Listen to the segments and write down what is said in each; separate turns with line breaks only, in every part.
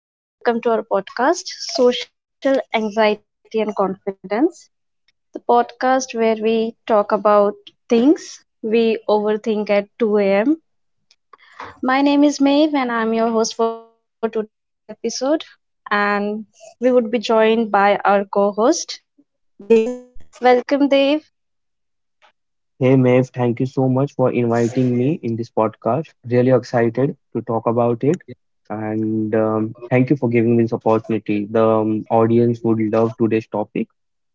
Hello, everyone. Welcome to our podcast, Social Anxiety and Confidence, the podcast where we talk about things we overthink at 2 a.m. My name is Maeve, and I'm your host for today's episode. And we would be joined by our co host, Dave. Welcome, Dave.
Hey Maeve, thank you so much for inviting me in this podcast. Really excited to talk about it. And thank you for giving me this opportunity. The audience would love today's topic,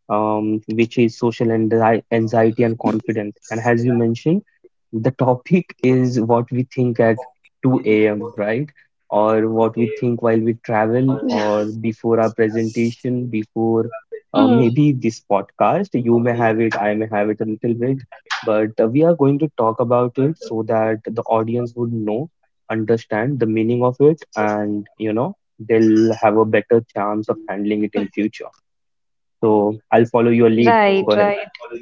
which is social anxiety and confidence. And as you mentioned, the topic is what we think at 2 a.m., right? Or what we think while we travel,
Hmm.
or before our presentation, before maybe this podcast. You may have it, I may have it a little bit, but we are going to talk about it so that the audience would know, understand the meaning of it, and they'll have a better chance of handling it in future. So I'll follow your lead. Go ahead.
Right, right.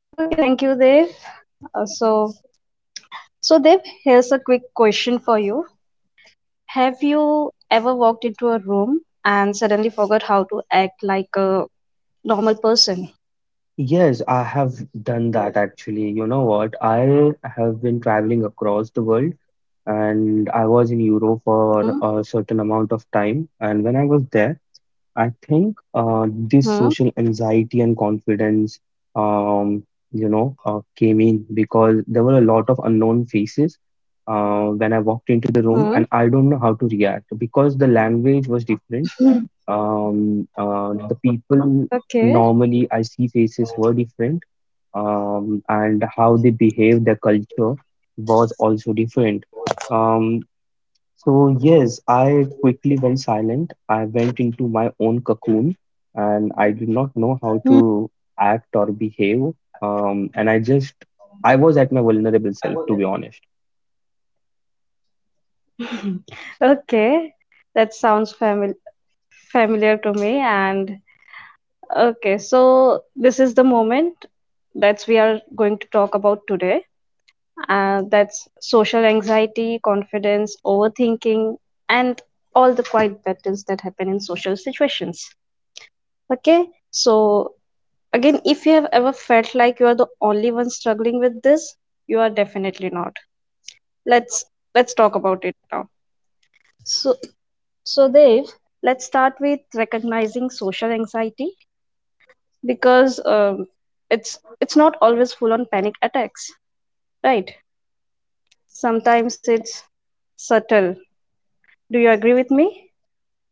Okay, thank you, Dave. Uh, so, so Dev, here's a quick question for you. Have you ever walked into a room and suddenly forgot how to act like a normal person?
Yes, I have done that actually. You know what? I have been traveling across the world, and I was in Europe for
Hmm?
a certain amount of time. And when I was there, I think this
Hmm?
social anxiety and confidence, um, came in because there were a lot of unknown faces when I walked into the room,
Hmm?
and I don't know how to react because the language was different.
Hmm.
The people
Okay.
normally I see faces were different, and how they behave, their culture was also different. Um, so yes, I quickly went silent. I went into my own cocoon, and I did not know how
Hmm.
to act or behave. And I just I was at my vulnerable self, to be honest.
Okay. That sounds familiar to me. And okay, so this is the moment that we are going to talk about today. That's social anxiety, confidence, overthinking, and all the quiet battles that happen in social situations. Okay, so again, if you have ever felt like you are the only one struggling with this, you are definitely not. Let's let's talk about it now. So so Dev, let's start with recognizing social anxiety because it's not always full on panic attacks, right? Sometimes it's subtle. Do you agree with me?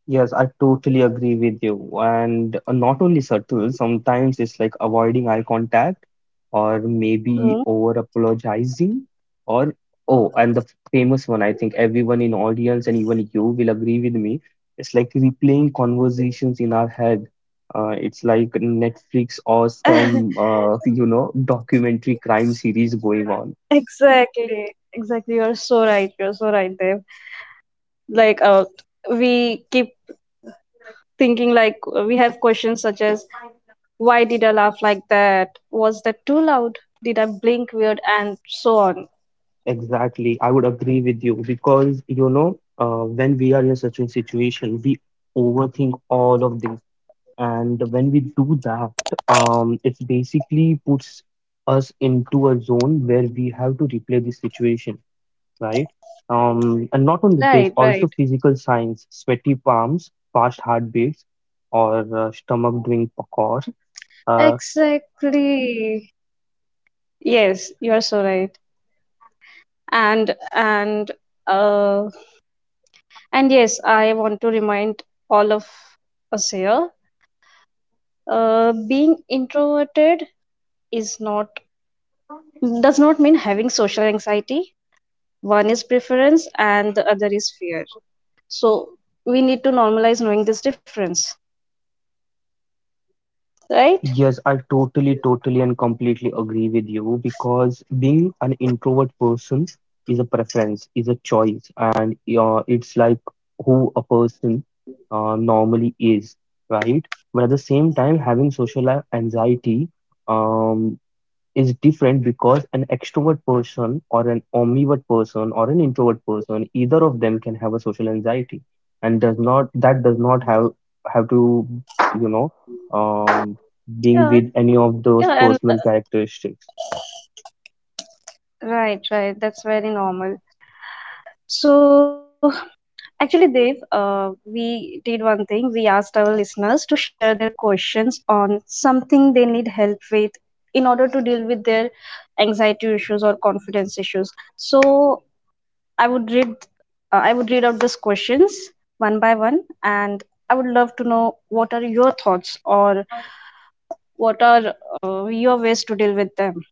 Yes, I totally agree with you. And not only subtle, sometimes it's like avoiding eye contact or maybe
Hmm?
over apologizing or oh, and the famous one, I think everyone in audience and even you will agree with me. It's like replaying conversations in our head. It's like Netflix or some documentary crime series going on.
Exactly. Exactly. You're so right. You're so right, Dev. Like we keep thinking like we have questions such as: why did I laugh like that? Was that too loud? Did I blink weird? And so on.
Exactly, I would agree with you because when we are in such a situation, we overthink all of this, and when we do that, it basically puts us into a zone where we have to replay the situation, right? And not
Right,
only this,
right.
also physical signs, sweaty palms, fast heartbeats, or stomach doing pakor.
Exactly. Yes, you are so right. And and uh and yes, I want to remind all of us here, being introverted is not, does not mean having social anxiety. One is preference and the other is fear. So we need to normalize knowing this difference, right?
Yes, I totally, totally, and completely agree with you because being an introvert person is a preference, is a choice, and it's like who a person normally is, right? But at the same time, having social anxiety, um, is different because an extrovert person or an omnivert person or an introvert person, either of them can have a social anxiety, and does not that does not have to you know um, being with
Yeah.
any of those
Yeah,
personal
and
characteristics.
right, right. That's very normal. So, actually, Dave, we did one thing. We asked our listeners to share their questions on something they need help with in order to deal with their anxiety issues or confidence issues. So, I would read, I would read out these questions one by one, and I would love to know what are your thoughts or what are your ways to deal with them.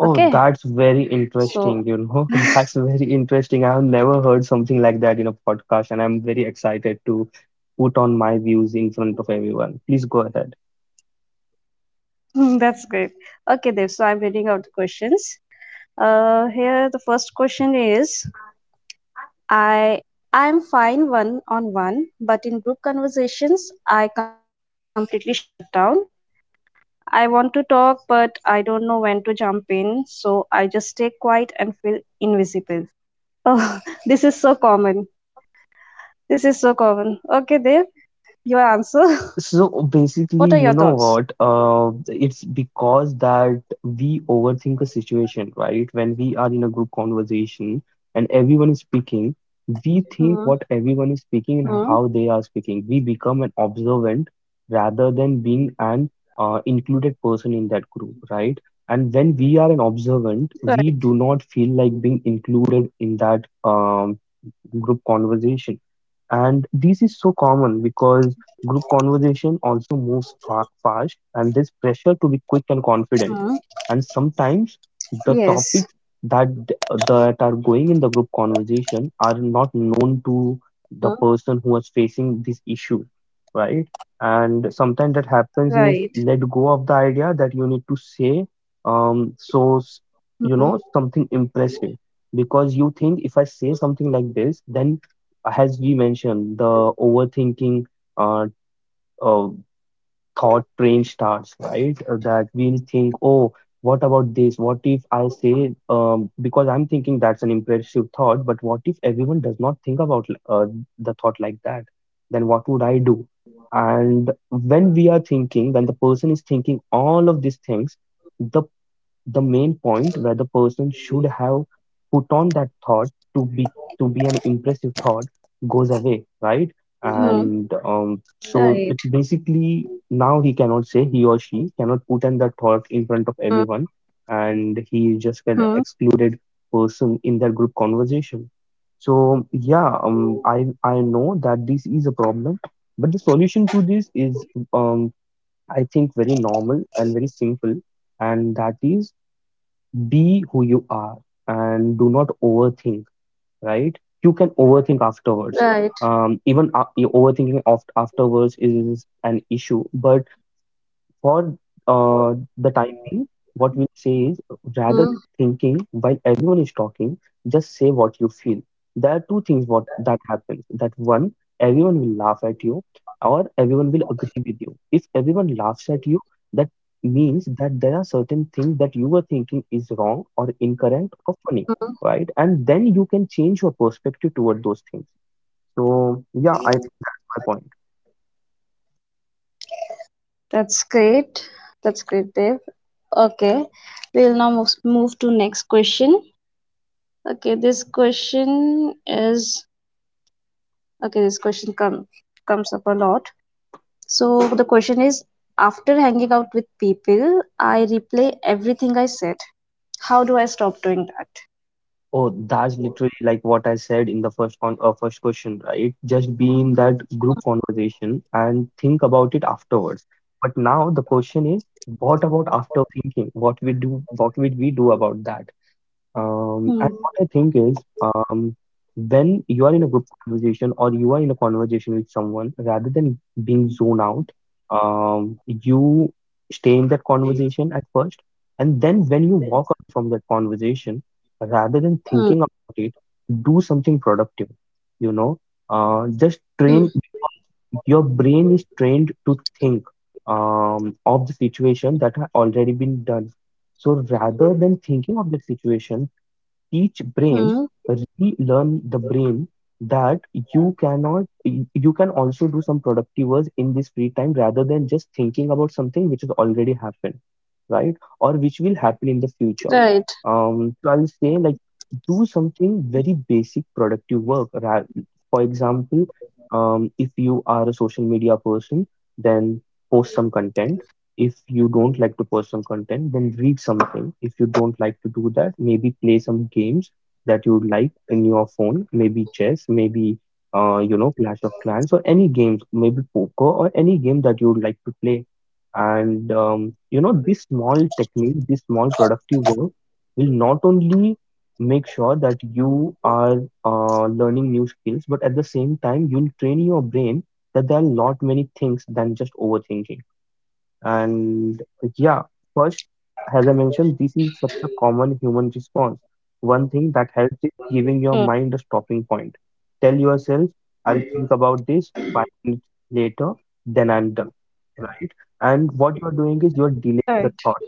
Oh,
Okay,
that's very
so
interesting, that's very interesting. I have never heard something like that in a podcast, and I'm very excited to put on my views in front of everyone. Please go ahead.
that's great. Okay, Dave. So I'm reading out the questions. Here the first question is: I I'm fine one on one, but in group conversations I completely shut down. I want to talk but I don't know when to jump in, so I just stay quiet and feel invisible. Oh, this is so common. This is so common. Okay, Dev, your answer.
So
What
basically,
are your
you know
thoughts?
what? It's because that we overthink a situation, right? When we are in a group conversation and everyone is speaking, we think what
Hmm.
everyone is speaking and how
Hmm.
they are speaking. We become an observant rather than being an included person in that group, right? And when we are an observant, we do not
Right.
feel like being included in that group conversation. And this is so common because group conversation also moves fast, and there's pressure to be quick and confident.
Hmm.
And sometimes the topics
Yes.
that that are going in the group conversation are not known to the
Hmm.
person who is facing this issue, right? And sometimes that happens is, let
Right.
go of the idea that you need to say um, so s-
Hmm.
something impressive, because you think, if I say something like this, then as we mentioned, the overthinking uh, uh, thought train starts, right? That we'll think, oh, what about this? What if I say, because I'm thinking that's an impressive thought, but what if everyone does not think about the thought like that? Then what would I do? And when we are thinking, when the person is thinking all of these things, the the main point where the person should have put on that thought to be an impressive thought goes away, right?
Hmm.
And so it's
Right.
basically, now he or she cannot put in that thought in front of
Hmm.
everyone, and he is just an
Hmm.
excluded person in their group conversation. So yeah, I know that this is a problem, but the solution to this is, um I think, very normal and very simple, and that is, be who you are and do not overthink, right? You can overthink afterwards.
Right.
Even overthinking of afterwards is an issue, but for the time being, what we'll say is, rather than
Hmm.
thinking while everyone is talking, just say what you feel. There are two things what that happens. That, one, everyone will laugh at you, or everyone will agree with you. If everyone laughs at you, that means that there are certain things that you were thinking is wrong or incorrect or funny, right? And then you can change your perspective toward those things. So yeah, I think that's my point.
That's great. That's great, Dave. Okay, we'll now move to next question. Okay, this question is okay. This question comes up a lot. So the question is: after hanging out with people, I replay everything I said. How do I stop doing that?
Oh, that's literally like what I said in the first question, right? Just be in that group conversation and think about it afterwards. But now the question is, what about after thinking? What would we do about that? And
Hmm.
what I think is, when you are in a group conversation or you are in a conversation with someone, rather than being zoned out, you stay in that conversation at first, and then when you walk away from that conversation, rather than thinking
Hmm.
about it, do something productive. You know, just train,
Hmm.
because your brain is trained to think of the situation that had already been done. So rather than thinking of that situation, teach brain,
Hmm.
relearn the brain that you cannot you can also do some productive work in this free time rather than just thinking about something which has already happened, right? Or which will happen in the future.
Right.
So I'll say, like, do something very basic productive work. For example, if you are a social media person, then post some content. If you don't like to personal content, then read something. If you don't like to do that, maybe play some games that you like in your phone. Maybe chess, maybe Clash of Clans or any games, maybe poker or any game that you would like to play. And these small techniques, this small productive work, will not only make sure that you are learning new skills, but at the same time you'll train your brain that there are a lot many things than just overthinking. And yeah, first, as I mentioned, this is such a common human response. One thing that helps is
Hmm.
giving your mind a stopping point. Tell yourself, I'll think about this 5 minutes later, then I'm done. Right? And what you're doing is, you're delaying the
Right.
thought,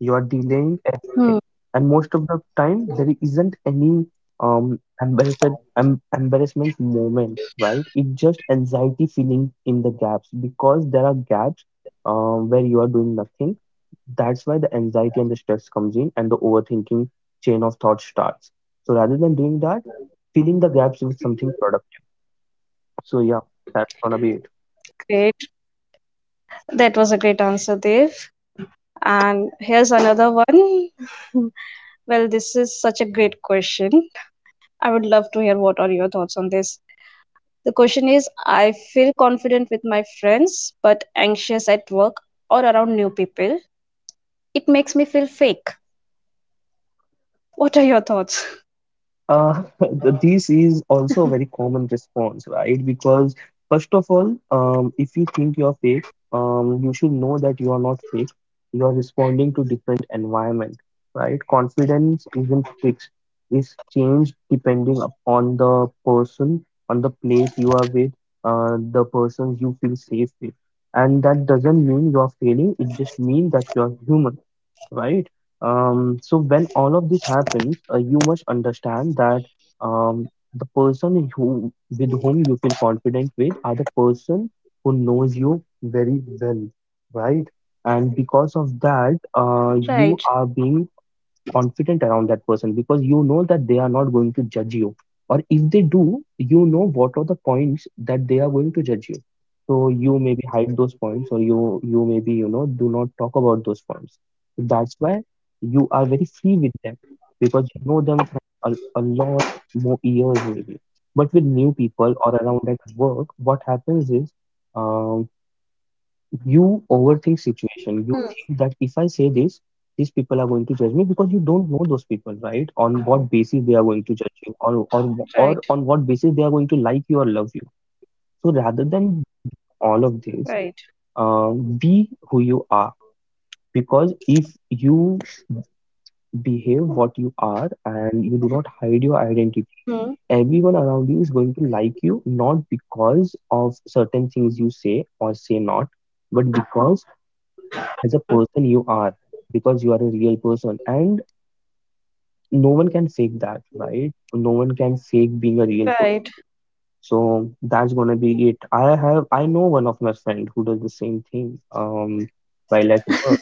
you're delaying
Hmm.
everything, and most of the time there isn't any um embarrassed embarrassment moment, right? It's just anxiety feeling in the gaps, because there are gaps where you are doing nothing. That's why the anxiety and the stress comes in, and the overthinking chain of thought starts. So rather than doing that, filling the gaps with something productive. So yeah, that's gonna be it.
Great. That was a great answer, Dave. And here's another one. Well, this is such a great question. I would love to hear what are your thoughts on this. The question is: I feel confident with my friends but anxious at work or around new people. It makes me feel fake. What are your thoughts?
This is also a very common response, right? Because first of all, if you think you're fake, you should know that you are not fake. You are responding to different environment, right? Confidence isn't fixed; it's changed depending upon the person, on the place you are with, the person you feel safe with. And that doesn't mean you are failing. It just means that you are human, right? So when all of this happens, you must understand that the person who with whom you feel confident with are the person who knows you very well, right? And because of
Right.
that, you are being confident around that person because you know that they are not going to judge you, or if they do, you know what are the points that they are going to judge you, so you maybe hide those points, or you maybe, you know, do not talk about those points. That's why you are very free with them because you know them from a lot more years maybe. But with new people or around at work, what happens is, um, you overthink situation.
Hmm.
You think that if I say this, these people are going to judge me, because you don't know those people, right, on what basis they are going to judge you,
Right.
or or on what basis they are going to like you or love you. So rather than be doing
Right.
all of this, be who you are, because if you behave what you are and you do not hide your
Hmm.
identity, everyone around you is going to like you, not because of certain things you say or say not, but because as a person you are, because you are a real person, and no one can fake that, right, no one can fake being a real
Right.
person. So that's gonna be it. I know one of my friend who does the same thing, while at work,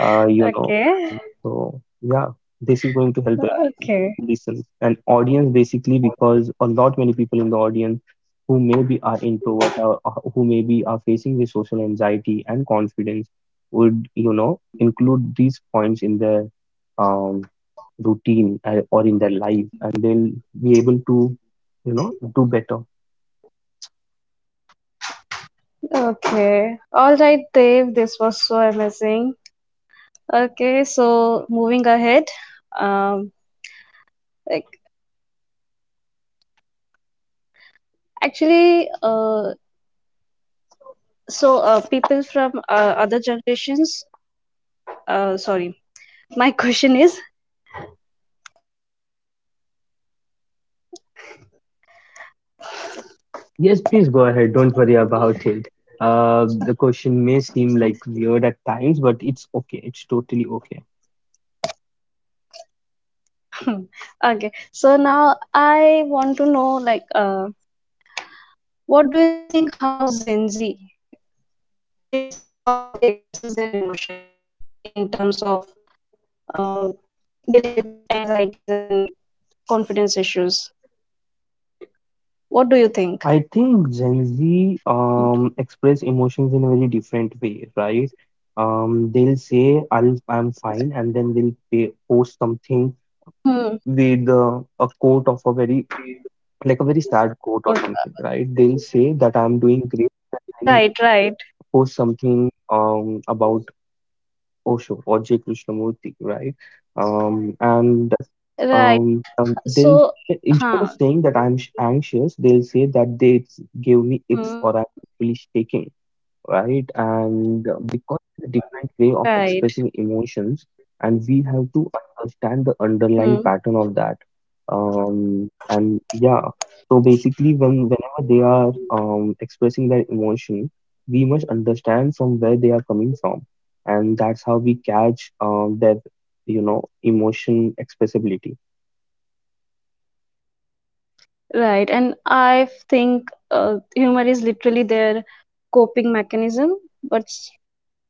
Okay.
and so yeah, this is going to help everyone
Okay.
who listens. And audience basically, because a lot many people in the audience who maybe are introvert, or who maybe are facing the social anxiety and confidence would, you know, include these points in their um routine, or in their life, and they'll be able to, you know, do better.
Okay. All right, Dave. This was so amazing. Okay. So moving ahead, um, like actually, people from other generations, sorry, my question is
Yes, please go ahead. Don't worry about it. The question may seem like weird at times, but it's okay. It's totally okay.
okay, so now I want to know like what do you think, how Gen Z, like how Gen Z expresses their emotions in terms of uh, dealing with anxieties and confidence issues, what do you think?
I think Gen Z express emotions in a very different way, right? They'll say, I'm fine, and then they'll post something
Hmm.
with a quote of like a very sad quote or
what-
something, right? They'll say that I'm doing great, then
right,
they'll
right,
post something, about Osho or J. Krishnamurti, right? And
right.
They'll
so
say, instead of
huh
saying that anxious, they'll say that gave me icks,
hmm.
or I'm literally shaking, right? And because there's a different way
Right.
of expressing emotions, and we have to understand the
Hmm.
underlying pattern of that. And yeah, so basically, whenever they are expressing their emotion, we must understand from where they are coming from, and that's how we catch, their, you know, emotion expressibility.
Right. And I think humor is literally their coping mechanism, but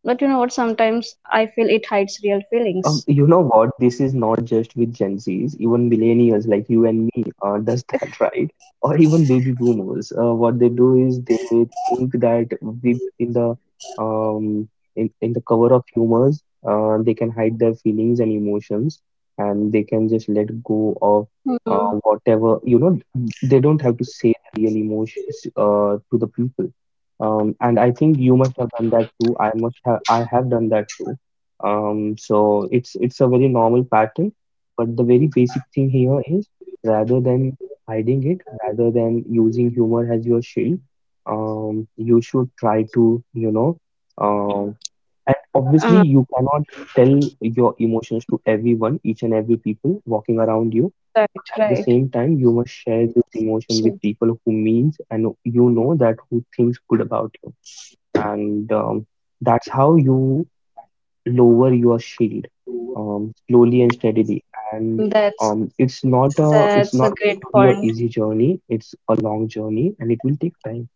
but you know what? Sometimes I feel it hides real feelings.
You know what? This is not just with Gen Zs, even millennials like you and me does that, right? Or even baby boomers. What they do is they think that with um in the cover of humors, they can hide their feelings and emotions, and they can just let go of
Hmm.
whatever. You know, they don't have to say the real emotions to the people. And I think you must have done that too. I must have. I have done that too, so it's a very normal pattern, but the very basic thing here is, rather than hiding it, rather than using humor as your shield, you should try to, you know, um, and
Uh,
obviously you cannot tell your emotions to everyone, each and every people walking around you,
right,
but at the
right.
same time you must share those emotions
So
with people who means, and you know that who thinks good about you, and that's how you lower your shield, slowly and steadily. And
that's
it's
that's a
not
great
going to be a
point.
easy journey. It's a long journey, and it will take time.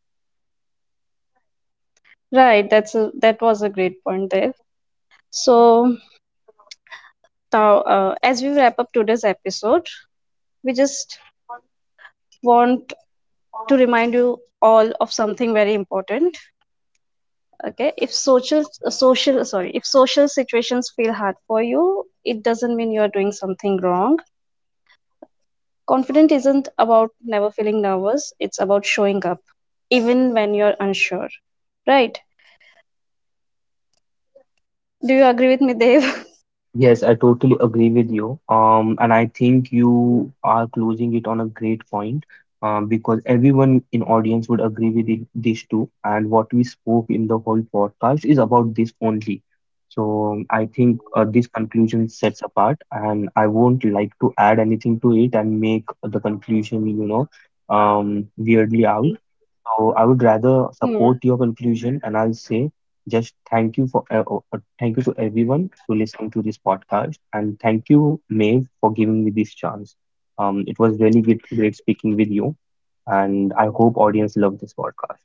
Right, that was a great point there. So now, as we wrap up today's episode, we just want to remind you all of something very important. Okay, if social situations feel hard for you, it doesn't mean you are doing something wrong. Confident isn't about never feeling nervous, it's about showing up, even when you're unsure. Right? Do you agree with me, Dev?
Yes, I totally agree with you. And I think you are closing it on a great point, because everyone in audience would agree with it, this too. And what we spoke in the whole podcast is about this only. So I think this conclusion sets apart, and I won't like to add anything to it and make the conclusion, you know, weirdly out. So I would rather
Hmm.
support your conclusion, and I'll say just thank you for thank you to everyone for listening to this podcast, and thank you, Maeve, for giving me this chance. It was really great speaking with you, and I hope audience loved this podcast.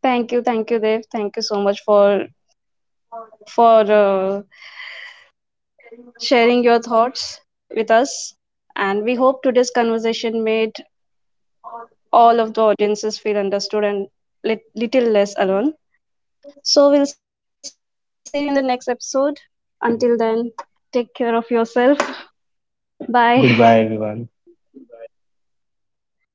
Thank you, Dev. Thank you so much for for uh, sharing your thoughts with us. And we hope today's conversation made all of the audiences feel understood and little less alone. So we'll see you in the next episode. Until then, take care of yourself. Bye.
Goodbye, everyone.